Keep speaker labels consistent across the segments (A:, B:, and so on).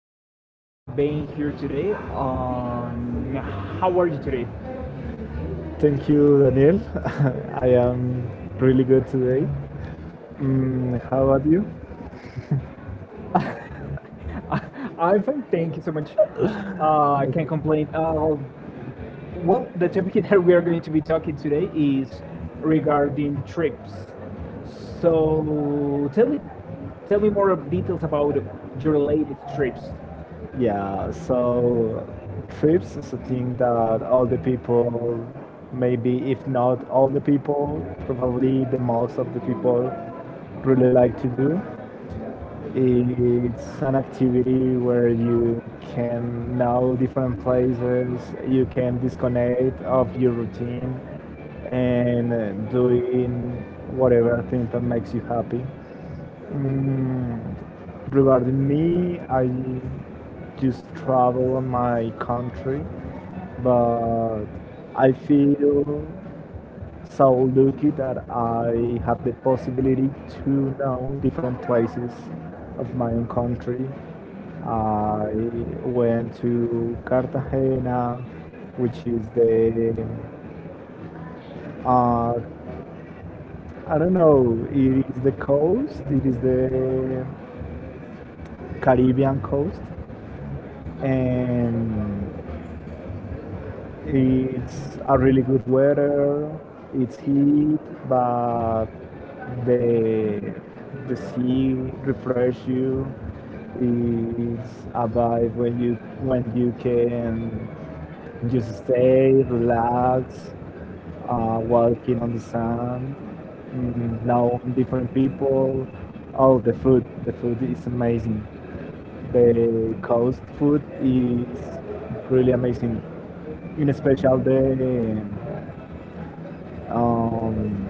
A: Thank you so much for being here today. How are you today?
B: Thank you, Daniel. I am really good today. Mm, how about you?
A: I'm fine. Thank you so much. I
B: Okay.
A: can't complain. Well, the topic that we are going to be talking today is regarding trips. So, tell me more of details about your latest trips.
B: Yeah, so trips is a thing that all the people, maybe if not all the people, probably the most of the people really like to do. It's an activity where you can know different places, you can disconnect of your routine and doing whatever thing that makes you happy. Mm, regarding me, I just travel on my country, but I feel so lucky that I have the possibility to know different places of my own country. I went to Cartagena, which is the uh, I don't know. It is the coast. It is the Caribbean coast, and it's a really good weather. It's heat, but the the sea refresh you. It's a vibe when you can just stay, relax, walking on the sand, mm, know different people. Oh, the food! The food is amazing. The coast food is really amazing in special the um,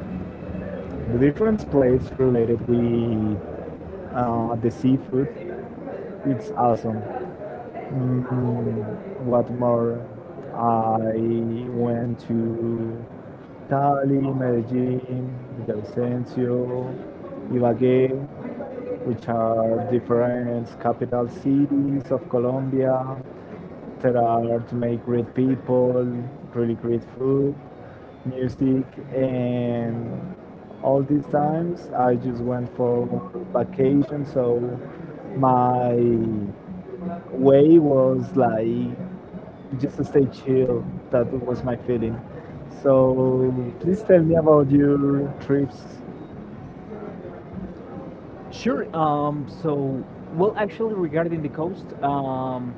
B: the different plates related with the seafood, it's awesome. Mm, what more? I went to Cali, Medellin, Villavicencio, Ibagué, which are different capital cities of Colombia that are to make great people, really great food, music, and all these times I just went for vacation. So my way was like just to stay chill. That was my feeling. So please tell me about your trips.
A: Sure. Well, actually, regarding the coast,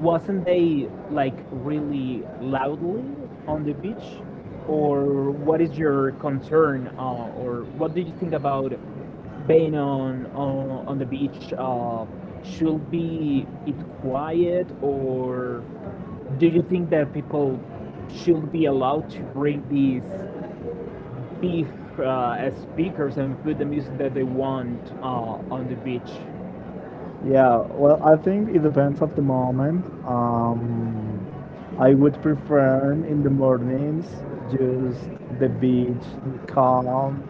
A: wasn't they like really loudly on the beach? Or what is your concern, or what do you think about being on the beach? Should be it quiet, or do you think that people should be allowed to bring these be as speakers and put the music that they want on the beach.
B: Yeah, well, I think it depends of the moment. I would prefer in the mornings just the beach, calm,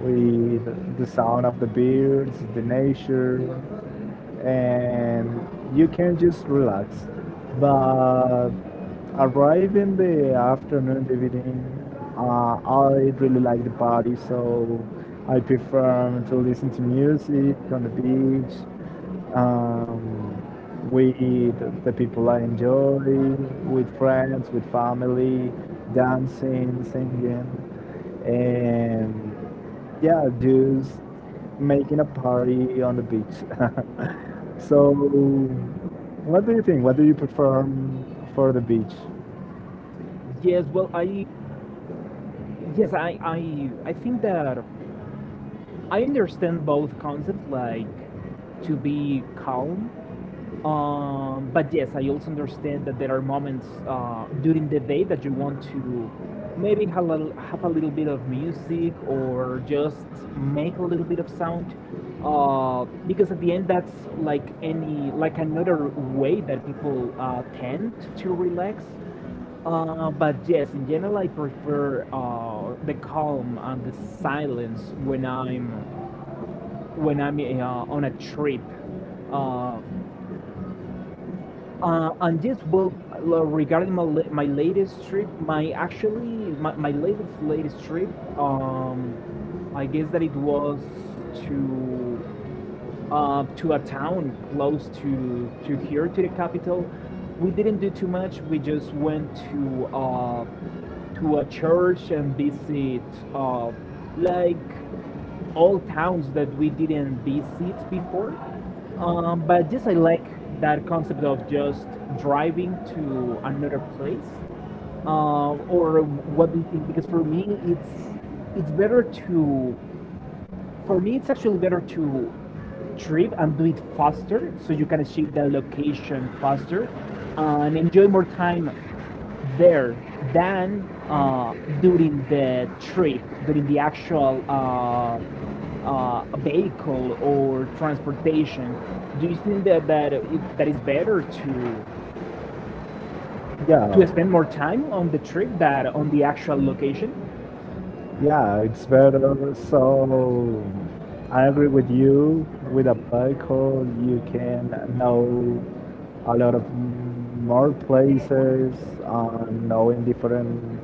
B: with the sound of the birds, the nature, and you can just relax. But arrive in the afternoon, the evening, I really like the party, so I prefer to listen to music on the beach, um, with the people I enjoy, with friends, with family, dancing, singing, and yeah, just making a party on the beach. So, what do you think? What do you prefer for the beach?
A: Yes, well, I think that I understand both concepts, like to be calm. But yes, I also understand that there are moments during the day that you want to maybe have a little bit of music or just make a little bit of sound. Because at the end, that's like any like another way that people tend to relax. But yes, in general, I prefer the calm and the silence when I'm on a trip. Uh, and yes, well, regarding my latest trip, my actually my latest latest trip, um, I guess that it was to to a town close to here to the capital. We didn't do too much. We just went to a church and visit uh, like all towns that we didn't visit before. But just I like that concept of just driving to another place, or what do you think? Because for me, it's better to, for me, it's actually better to trip and do it faster so you can achieve the location faster and enjoy more time there than during the trip, during the actual vehicle or transportation. Do you think that is better
B: Yeah,
A: to spend more time on the trip than on the actual location?
B: yeah, it's better. So, I agree with you. With a bicycle, you can know a lot of more places, knowing different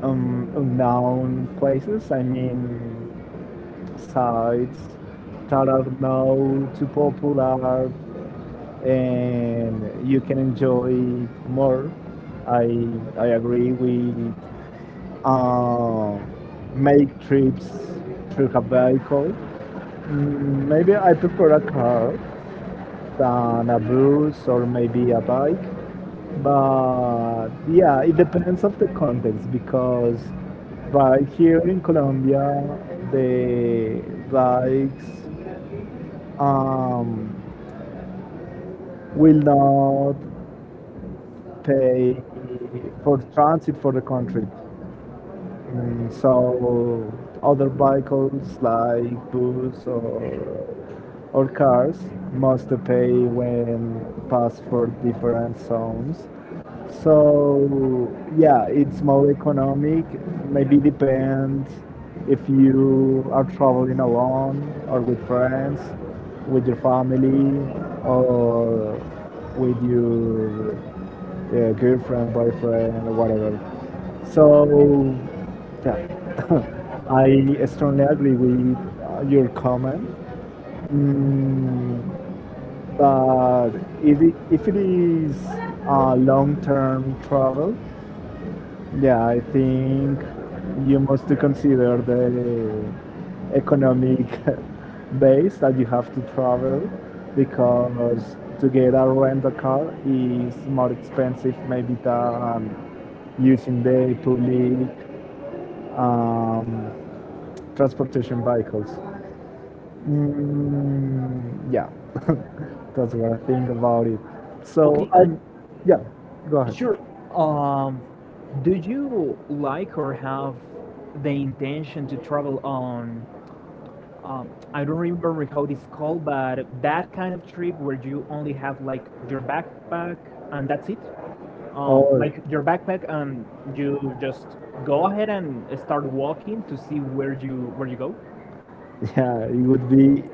B: unknown places. I mean, sites that are now too popular and you can enjoy it more. I I agree with uh, make trips through a vehicle. Mm, maybe I prefer a car than a bus or maybe a bike. But yeah, it depends of the context because right here in Colombia, the bikes um, will not pay for transit for the country. Mm, so other vehicles like bus or cars must pay when pass for different zones. So yeah, it's more economic. Maybe depends if you are traveling alone or with friends, with your family, or with your girlfriend, boyfriend, or whatever. So yeah, I strongly agree with your comment. Mm, but if it is long-term travel, yeah, I think you must to consider the economic base that you have to travel because to get a rental car is more expensive maybe than using the public um, transportation vehicles. Mm, yeah, that's what I think about it. So,
A: Okay,
B: I,
A: and
B: yeah, go ahead.
A: sure. Um, do you like or have the intention to travel on? I don't remember how it's called, but that kind of trip where you only have like your backpack and that's it. Like your backpack, and you just go ahead and start walking to see where you go.
B: You are. Yeah, it would be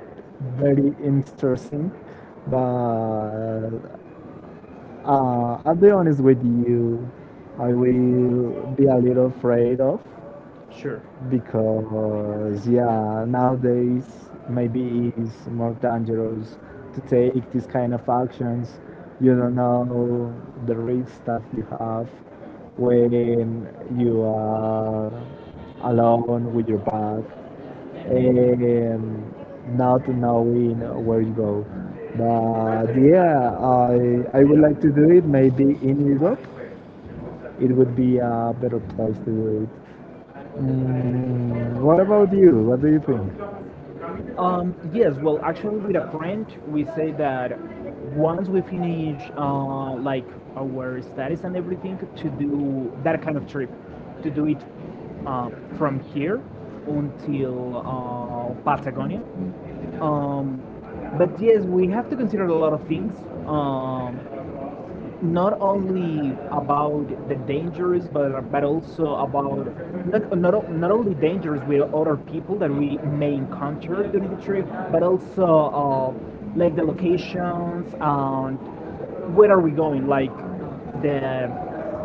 B: very interesting, but I'll be honest with you, I will be a little afraid of
A: Sure.
B: because yeah, nowadays maybe it's more dangerous to take these kind of actions. You don't know the risks that you have when you are alone with your bag and not knowing where you go. But yeah, I would like to do it maybe in Europe. It would be a better place to do it. Mm, what about you? What do you think?
A: Yes, well, actually, with a friend, we say that once we finish like our studies and everything, to do that kind of trip, to do it from here until Patagonia. Um, but yes, we have to consider a lot of things. Um, Not only about the dangers, but also about not only dangers with other people that we may encounter during the trip, but also like the locations and where are we going? Like the,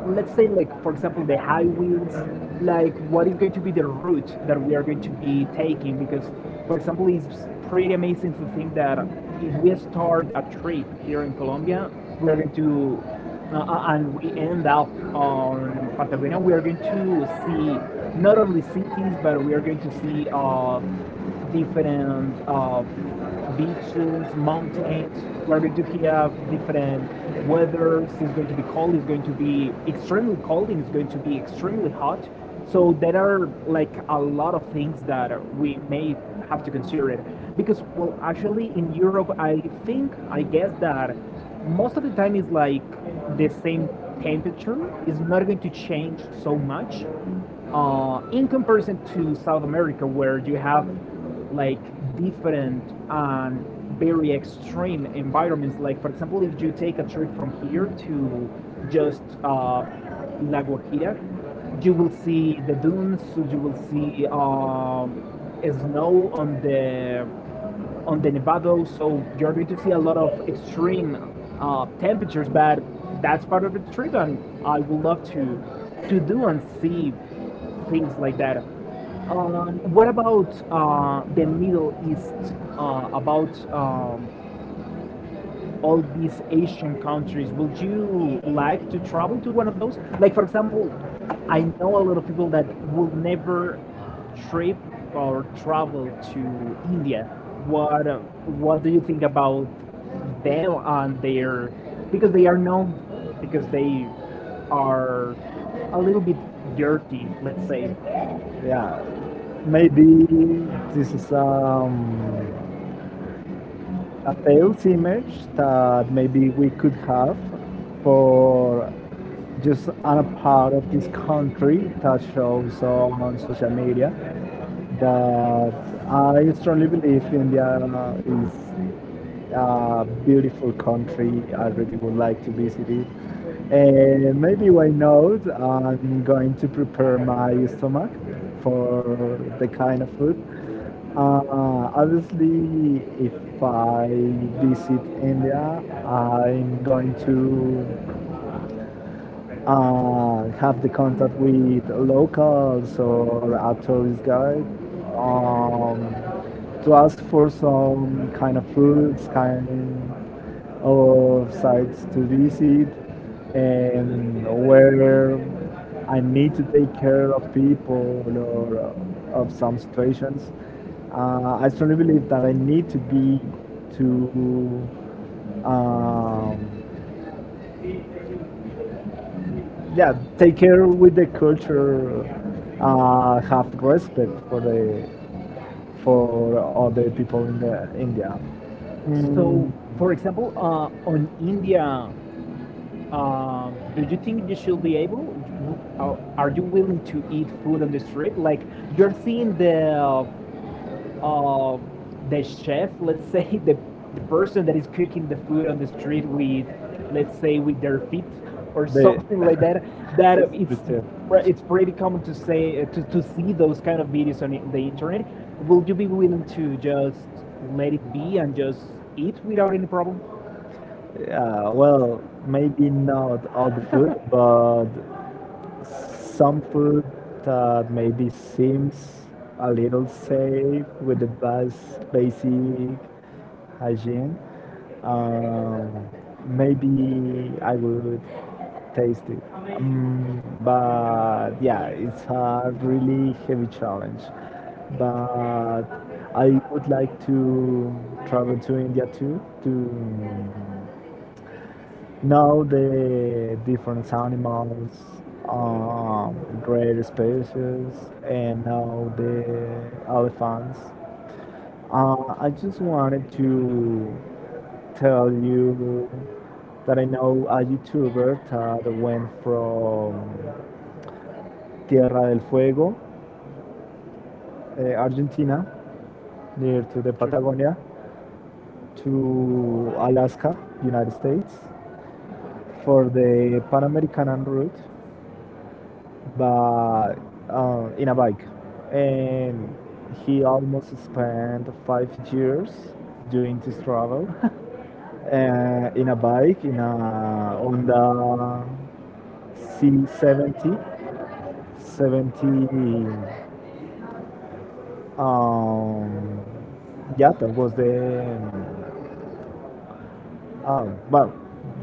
A: let's say like for example the high wheels. Like what is going to be the route that we are going to be taking? Because for example, it's pretty amazing to think that if we start a trip here in Colombia, we're going to and we end up on Patagonia, we are going to see not only cities, but we are going to see different beaches, mountains. We're going to have different weathers. It's going to be cold. It's going to be extremely cold, and it's going to be extremely hot. So there are like a lot of things that we may have to consider it because well actually in Europe I think I guess that most of the time it's like the same temperature. It's not going to change so much in comparison to South America where you have like different and very extreme environments. Like for example, if you take a trip from here to just La Guajira, you will see the dunes. You will see snow on the Nevado, so you're going to see a lot of extreme temperatures. But that's part of the trip, and I would love to do and see things like that. What about the Middle East? About all these Asian countries. Would you like to travel to one of those? Like, for example, I know a lot of people that will never trip or travel to India. What uh, What do you think about them and their? Because they are known because they are a little bit dirty, let's say.
B: Yeah, maybe this is a false image that maybe we could have for just a part of this country that shows on social media, that I strongly believe India is beautiful country. I really would like to visit it. And maybe why not? I'm going to prepare my stomach for the kind of food. Obviously, if I visit India, I'm going to have the contact with locals or a tourist guide, um, to ask for some kind of foods, kind of sites to visit, and where I need to take care of people or of some situations. I strongly believe that I need to be to um, yeah, take care with the culture, have respect for the for other people in the India. Mm,
A: So, for example, on India, do you think you should be able? are- you willing to eat food on the street? Like you're seeing uh, the chef, let's say, the person that is cooking the food on the street with, let's say, with their feet or
B: they-
A: something like that. That it's
B: with them.
A: it's pretty common to say to see those kind of videos on the internet.
B: Be.
A: Will you be willing to just let it be and just eat without any problem?
B: Yeah, well, maybe not all the food, but some food that maybe seems a little safe with the basic hygiene. Um, Maybe I would taste it. But yeah, it's a really heavy challenge. But I would like to travel to India too to know the different animals, um, rare species, and now the elephants. I just wanted to tell you that I know a YouTuber that went from Tierra del Fuego, Argentina, near to the
A: Sure.
B: Patagonia, to Alaska, United States, for the Pan American route, but in a bike. And he almost spent 5 years doing this travel
A: Job.
B: in a bike, in a Honda C70 70. Um, yeah, that was the. Oh, well,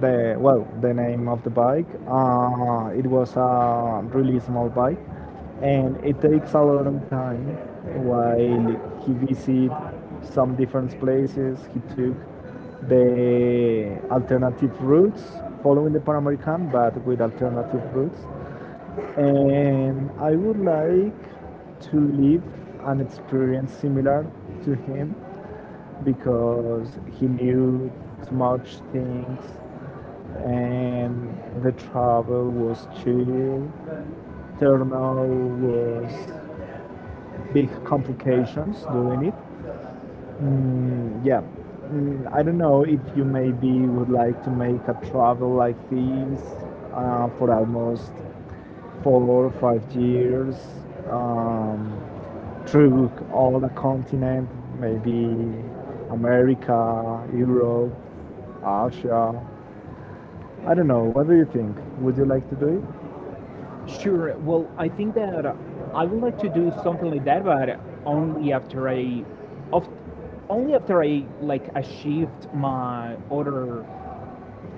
B: the well, the name of the bike. It was a really small bike, and it takes a long time. While he visited some different places, he took the alternative routes, following the Pan American, but with alternative routes. And I would like to live an experience similar to him because he knew too much things, and the travel was chill. There no was big complications doing it. Mm, yeah. Mm, I don't know if you maybe would like to make a travel like this for almost 4 or 5 years, um, through all the continent, maybe America, Europe, Asia. I don't know. What do you think? Would you like to do it?
A: Sure. Well, I think that I would like to do something like that, but only after I, of, only after I like achieved my other,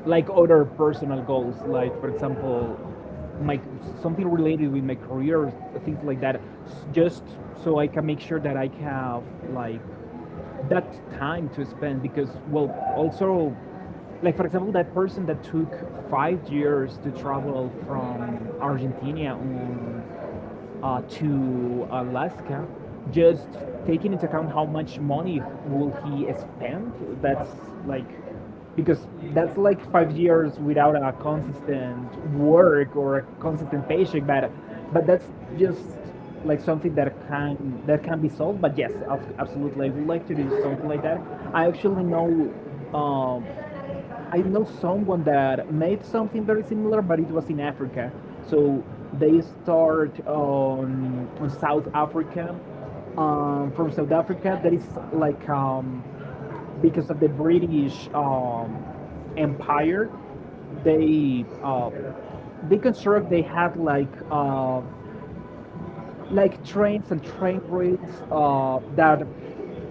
A: like other personal goals, like for example, my something related with my career, things like that, just so I can make sure that I have like that time to spend because well also like for example that person that took 5 years to travel from Argentina on to Alaska, just taking into account how much money will he spend, that's like because that's like 5 years without a consistent work or a consistent paycheck. But that's just like something that can be solved. But yes, absolutely, I would like to do something like that. I actually know. Um, I know someone that made something very similar, but it was in Africa. So they start on South Africa. From South Africa, that is like because of the British Empire, they uh, they construct they had like trains and train rails that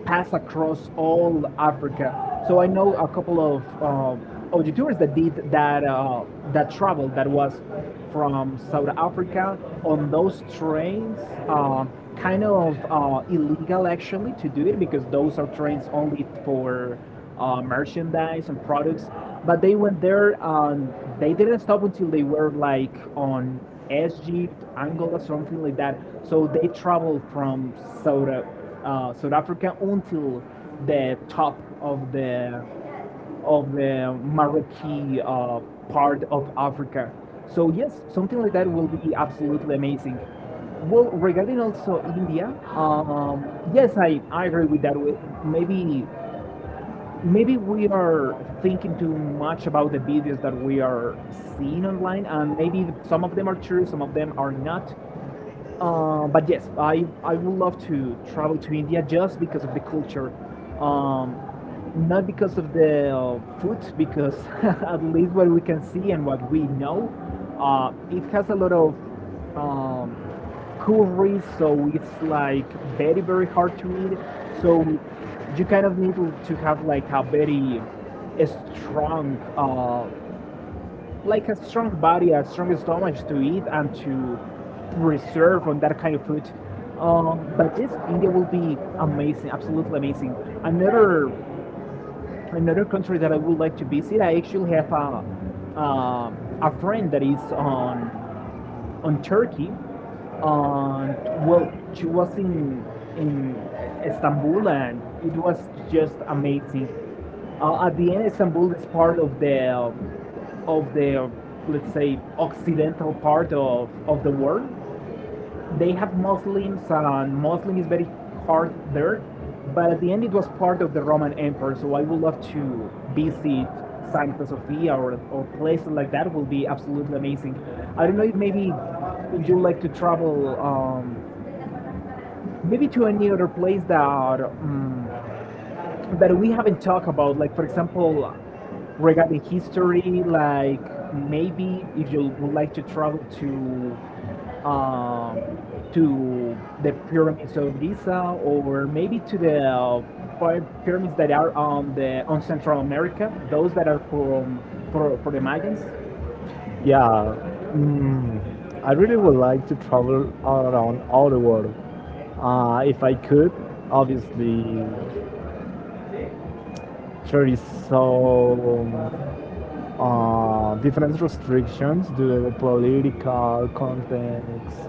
A: pass across all Africa. So I know a couple of YouTubers that did that that travel that was from South Africa on those trains. Kind of illegal actually to do it because those are trains only for merchandise and products. But they went there and they didn't stop until they were like on Egypt, Angola, something like that. So they traveled from South Africa until the top of the Marroquí part of Africa. So yes, something like that will be absolutely amazing. Well, regarding also India, yes, I agree with that. We- Maybe maybe we are thinking too much about the videos that we are seeing online and maybe some of them are true, some of them are not, but yes, I would love to travel to India just because of the culture. Um, Not because of the food, because at least what we can see and what we know, it has a lot of um, curry, so it's like very, very hard to eat. So you kind of need to have like a very strong like a strong body, a strong stomach to eat and to preserve on that kind of food. But this India will be amazing, absolutely amazing. Another another country that I would like to visit. I actually have a friend that is on Turkey. And well, she was in Istanbul, and it was just amazing. At the end, Istanbul is part of the of the uh, let's say occidental part of the world, they have Muslims, and Muslim is very hard there. But at the end, it was part of the Roman Empire, so I would love to visit Santa Sofia, or places like that. Will be absolutely amazing. I don't know if maybe if you like to travel, maybe to any other place that that we haven't talked about. Like for example, regarding history, like maybe if you would like to travel to um, to the pyramids of Giza or maybe to the pyramids that are on the on Central America, those that are from for the Mayans.
B: Yeah, mm, I really would like to travel all around all the world. If I could, obviously, there is so different restrictions due to the political context,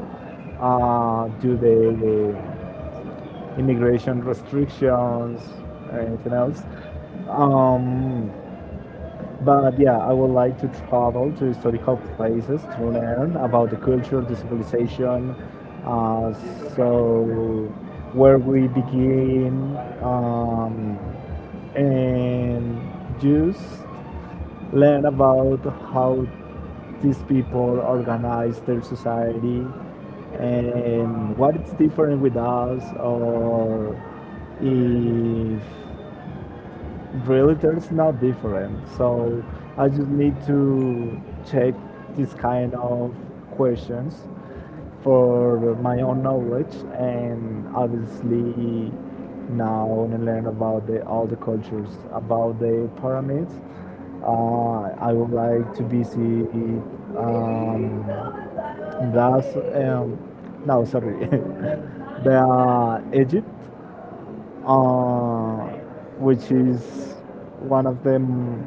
B: due to the immigration restrictions, anything else. Um, but yeah, I would like to travel to historical places to learn about the culture, the civilization, uh, so where we begin, and just learn about how these people organize their society and what is different with us, or if really there's not different. So I just need to check this kind of questions for my own knowledge, and obviously now and learn about all the cultures about the pyramids. I would like to visit um, that's no, sorry, the Egypt, uh, which is one of the m-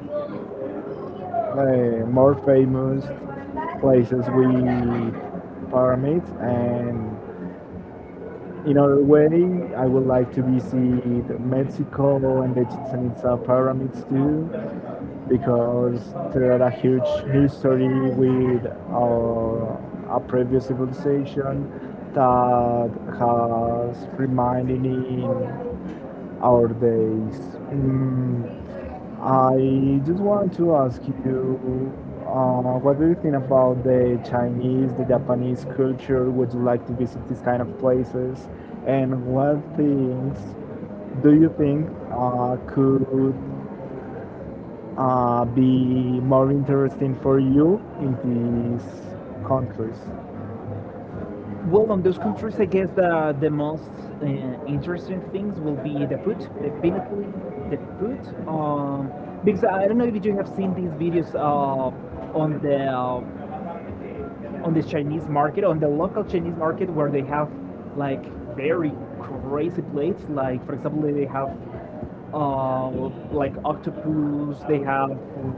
B: uh, more famous places with pyramids. And in other way, I would like to visit Mexico and the Chichen Itza pyramids too, because there are a huge history with our previous civilization that has reminded me our days. Mm, I just want to ask you, what do you think about the Chinese, the Japanese culture? Would you like to visit these kind of places? And what things do you think could be more interesting for you in these countries?
A: Well, on those countries, I guess the most uh, interesting things will be the food, definitely the food. Um, because I don't know if you have seen these videos on the uh, on the Chinese market, on the local Chinese market, where they have like very crazy plates. Like for example, they have like octopus, they have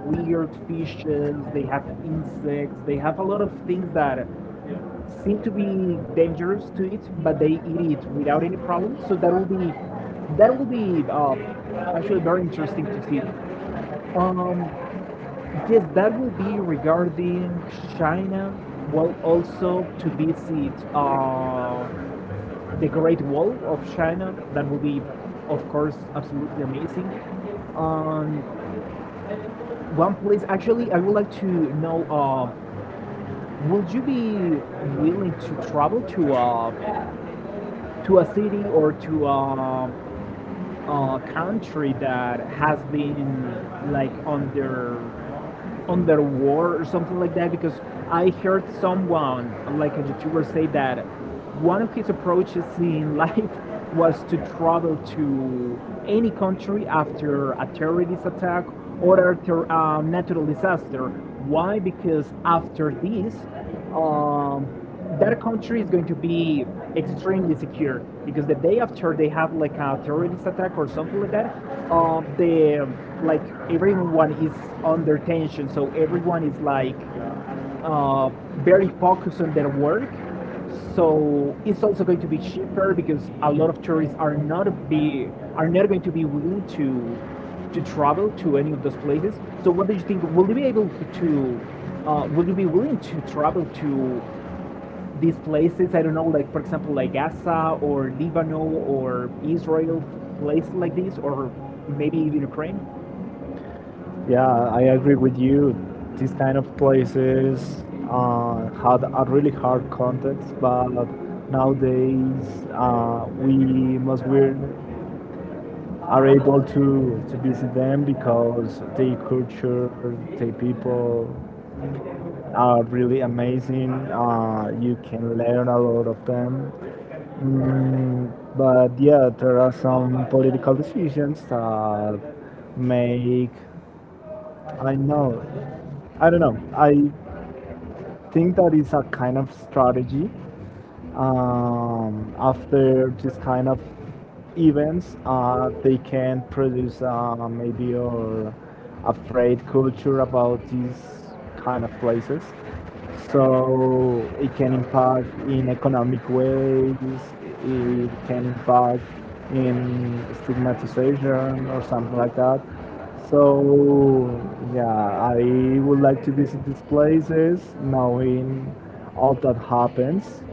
A: weird fishes, they have insects, they have a lot of things that seem to be dangerous to it, but they eat it without any problem. So that will be actually very interesting to see. Um, yes, that will be regarding China. Well, also to visit the Great Wall of China. That will be, of course, absolutely amazing. Um, One place, actually, I would like to know. Will you be willing to travel to a city or to a country that has been like under war or something like that, because I heard someone, like a YouTuber, say that one of his approaches in life was to travel to any country after a terrorist attack or after a natural disaster. Why? Because after this, um, that country is going to be extremely secure, because the day after they have like a terrorist attack or something like that, the like everyone is under tension, so everyone is like, uh, very focused on their work. So it's also going to be cheaper, because a lot of tourists are not going to be willing to travel to any of those places. So what do you think? Will you be able to? Will you be willing to travel to these places? I don't know, like for example, like Gaza or Lebanon or Israel, places like this, or maybe even Ukraine.
B: Yeah, I agree with you. These kind of places had a really hard context, but nowadays we are able to visit them because their culture, their people are really amazing. You can learn a lot of them. Mm, but yeah, there are some political decisions that make. I know. I don't know. I think that is a kind of strategy, after this kind of events they can produce maybe or a trade culture about these kind of places, so it can impact in economic ways, it can impact in stigmatization or something like that. So yeah, I would like to visit these places knowing all that happens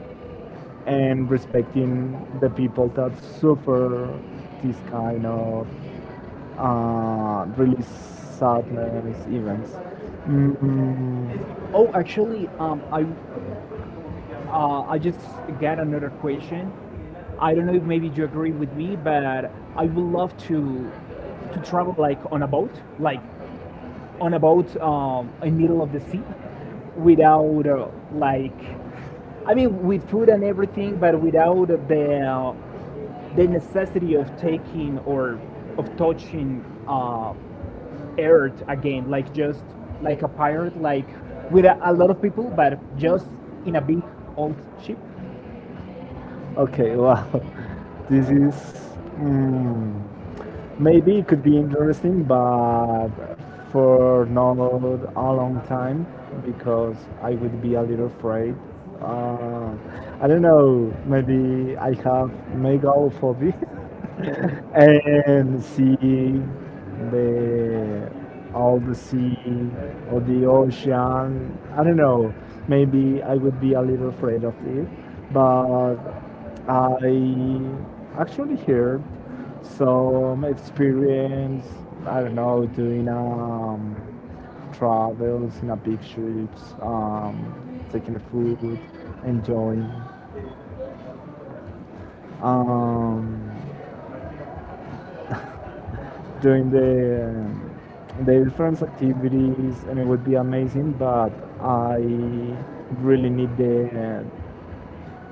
B: and respecting the people that suffer this kind of really sadness events. Mm,
A: Oh, actually, I just got another question. I don't know if maybe you agree with me, but I would love to travel like on a boat, like on a boat, in middle of the sea, without like, I mean, with food and everything, but without the necessity of taking or of touching earth again, like just like a pirate, like with a lot of people, but just in a big old ship.
B: okay, wow, this is. Mm, maybe it could be interesting, but for not a long time because I would be a little afraid. Uh, I don't know. Maybe I have megaphobia.
A: And
B: And see the all the sea or the ocean. I don't know. Maybe I would be a little afraid of it, but I actually heard some experience. I don't know, doing travels in a big ships, taking the food, enjoying. Um, Doing the different activities, and it would be amazing, but I really need the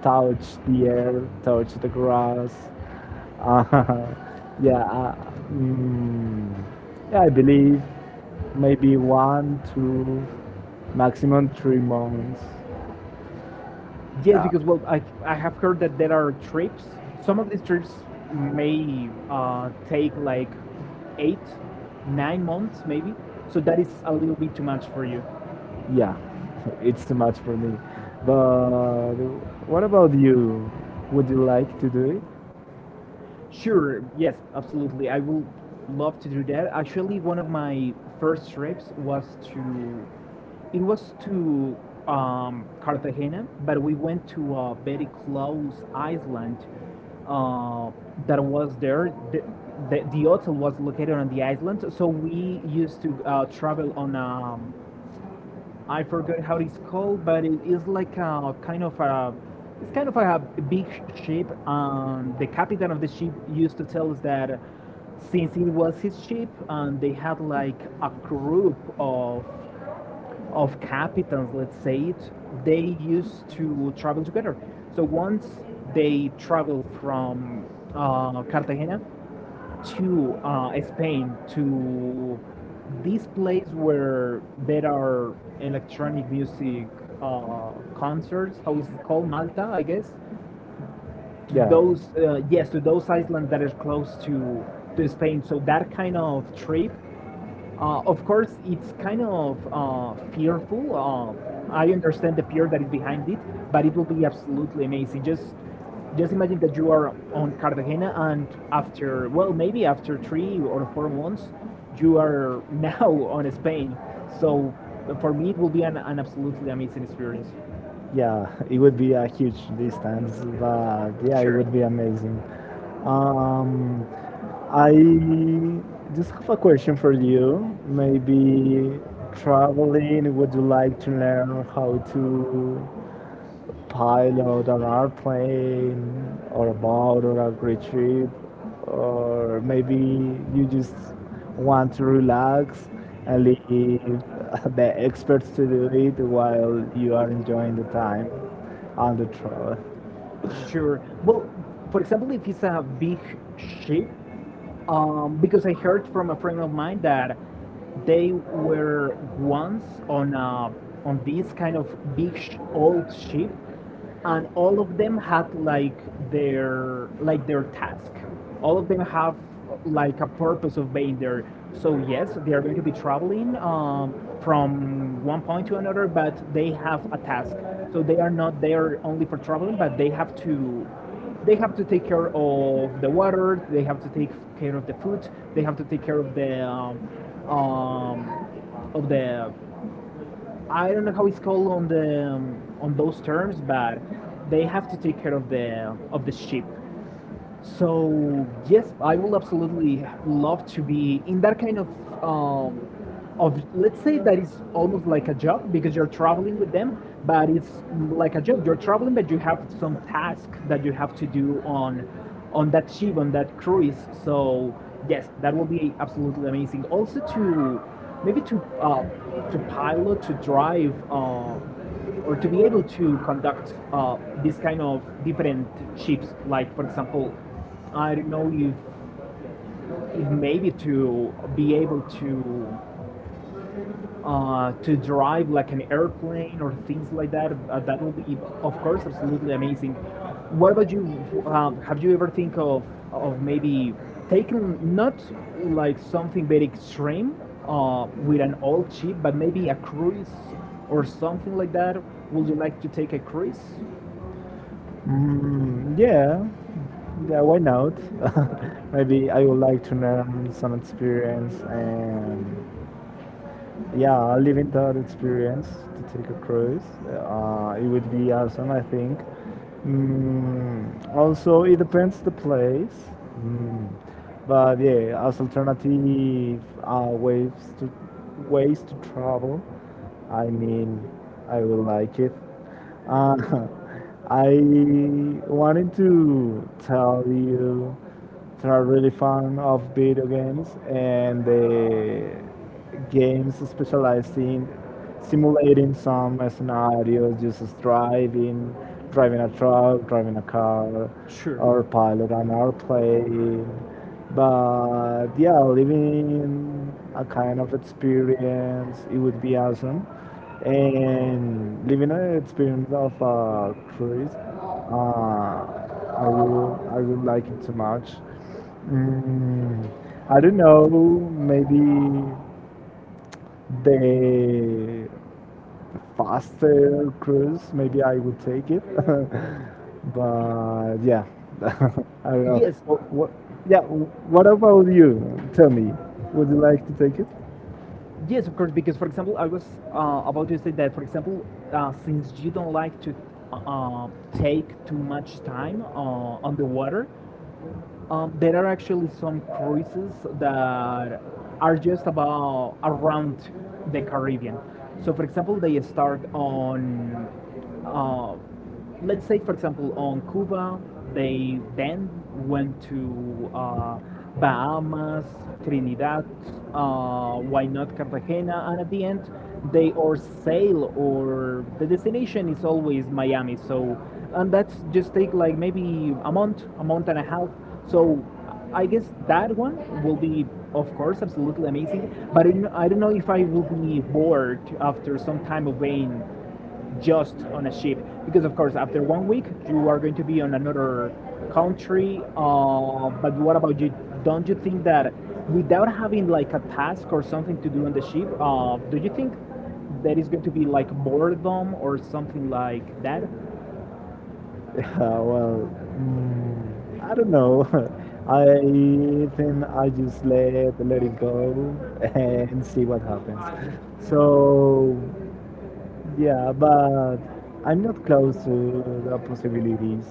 B: touch the air, touch the grass, uh, yeah, mm, yeah, I believe maybe 1, 2 maximum 3 months.
A: yes,
B: Yeah,
A: because, well, I have heard that there are trips, some of these trips may take like 8-9 months maybe, so that is a little bit too much for you.
B: yeah, it's too much for me. But what about you? Would you like to do
A: Sure, yes, absolutely. I will love to do that. Actually, one of my first trips it was to Cartagena, but we went to a very close island uh, that was there. The hotel was located on the island, so we used to travel on, I forgot how it's called, but it is like a kind of a it's kind of a big ship. The captain of the ship used to tell us that, since it was his ship, they had like a group of captains, let's say it. They used to travel together. So once they traveled from Cartagena to Spain, to this place where there are electronic music uh, concerts. How is it called? Malta, I guess. To
B: it?
A: Yeah, to those islands that are
B: Yeah.
A: close to Spain. So that kind of trip, of course, it's kind of fearful. I understand the fear that is behind it, but it will be absolutely amazing. Just imagine that you are on Cartagena, and after, well, maybe after 3 or 4 months, you are now on Spain. So, for me, it will be an absolutely amazing experience.
B: Yeah, it would be a huge distance, but yeah, it. Sure.
A: Sure.
B: Would be amazing. Um, I just have a question for you. Maybe traveling, would you like to learn how to pilot an airplane or a boat or a great trip, or maybe you just want to relax and leave the experts to do it while you are enjoying the time on the trail.
A: Sure. Well, for example, if it's a big ship, because I heard from a friend of mine that they were once on on this kind of big old ship, and all of them had like their task. All of them have like a purpose of being there. So yes, they are going to be traveling, from one point to another, but they have a task. So they are not there only for traveling, but they have to take care of the water, they have to take care of the food, they have to take care of the um, um, of the, I don't know how it's called on the on those terms, but they have to take care of the ship. So yes, I will absolutely love to be in that kind of um, of let's say that is almost like a job, because you're traveling with them, but it's like a job. You're traveling, but you have some task that you have to do on that ship, on that cruise. So yes, that will be absolutely amazing. Also to, maybe to pilot, to drive. Or to be able to conduct this kind of different chips, like for example, I don't know if maybe to be able to drive like an airplane or things like that. That will be, of course, absolutely amazing. What about you? Have you ever think of maybe taking not like something very extreme, with an old ship, but maybe a cruise or something like that? Would you like to take a cruise?
B: Mm, yeah, yeah, why not? Maybe I would like to learn some experience and yeah, I live in that experience to take a cruise. It would be awesome, I think. Mm, also, it depends the place. Mm, but yeah, as alternative to ways to travel, I mean, I will like it. Uh, I wanted to tell you that I'm really fond of video games and the games specialized in simulating some scenarios, just as driving, driving a truck, driving a car, sure, or
A: Sure.
B: pilot an airplane. But yeah, living a kind of experience, it would be awesome. And living an experience of a cruise, uh, I would like it so much. Mm, I don't know, maybe the faster cruise, maybe I would take it. But yeah, I don't know.
A: Yes.
B: What, yeah, what about you? Tell me, would you like to take it?
A: Yes, of course, because for example, I was about to say that, for example, since you don't like to take too much time on the water. There are actually some cruises that are just about around the Caribbean. So, for example, they start uh, let's say, for example, on Cuba. They then went to Bahamas, Trinidad, why not Cartagena, and at the end, they or sail or the destination is always Miami. So, and that's just take like maybe a month and a half, so I guess that one will be, of course, absolutely amazing. But I don't know if I will be bored after some time of being just on a ship, because of course after one week you are going to be on another country. But what about you, don't you think that without having like a task or something to do on the ship, do you think there is going to be like boredom or something like that?
B: Yeah, well, mm, I don't know. I think I just let it go and see what happens. So. Yeah, but I'm not close to the possibilities.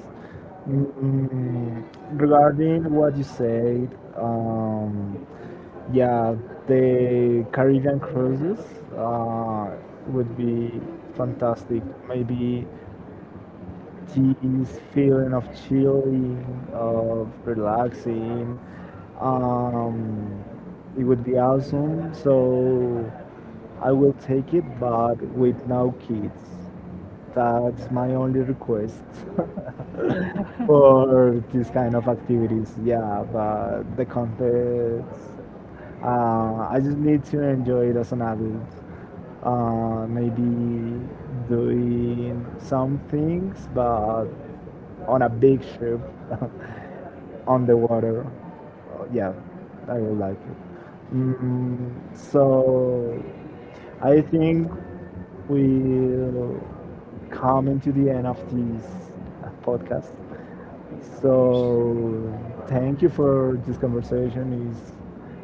B: Mm, regarding what you said, um, yeah, the Caribbean cruises uh, would be fantastic. Maybe this feeling of chilling, of relaxing, um, it would be awesome. So I will take it, but with no kids. That's my only request for this kind of activities. Yeah, but the context, I just need to enjoy it as an adult. Maybe doing some things, but on a big ship on the water. Yeah, I would like it. Mm, so I think we'll come into the end of this podcast. So thank you for this conversation.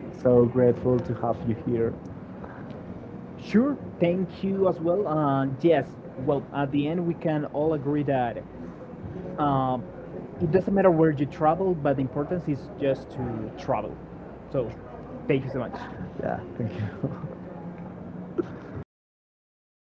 B: It's so grateful to have you here.
A: Sure, thank you as well. Yes, well, at the end, we can all agree that, uh, it doesn't matter where you travel, but the importance is just to travel. So, thank you so much.
B: Yeah, thank you.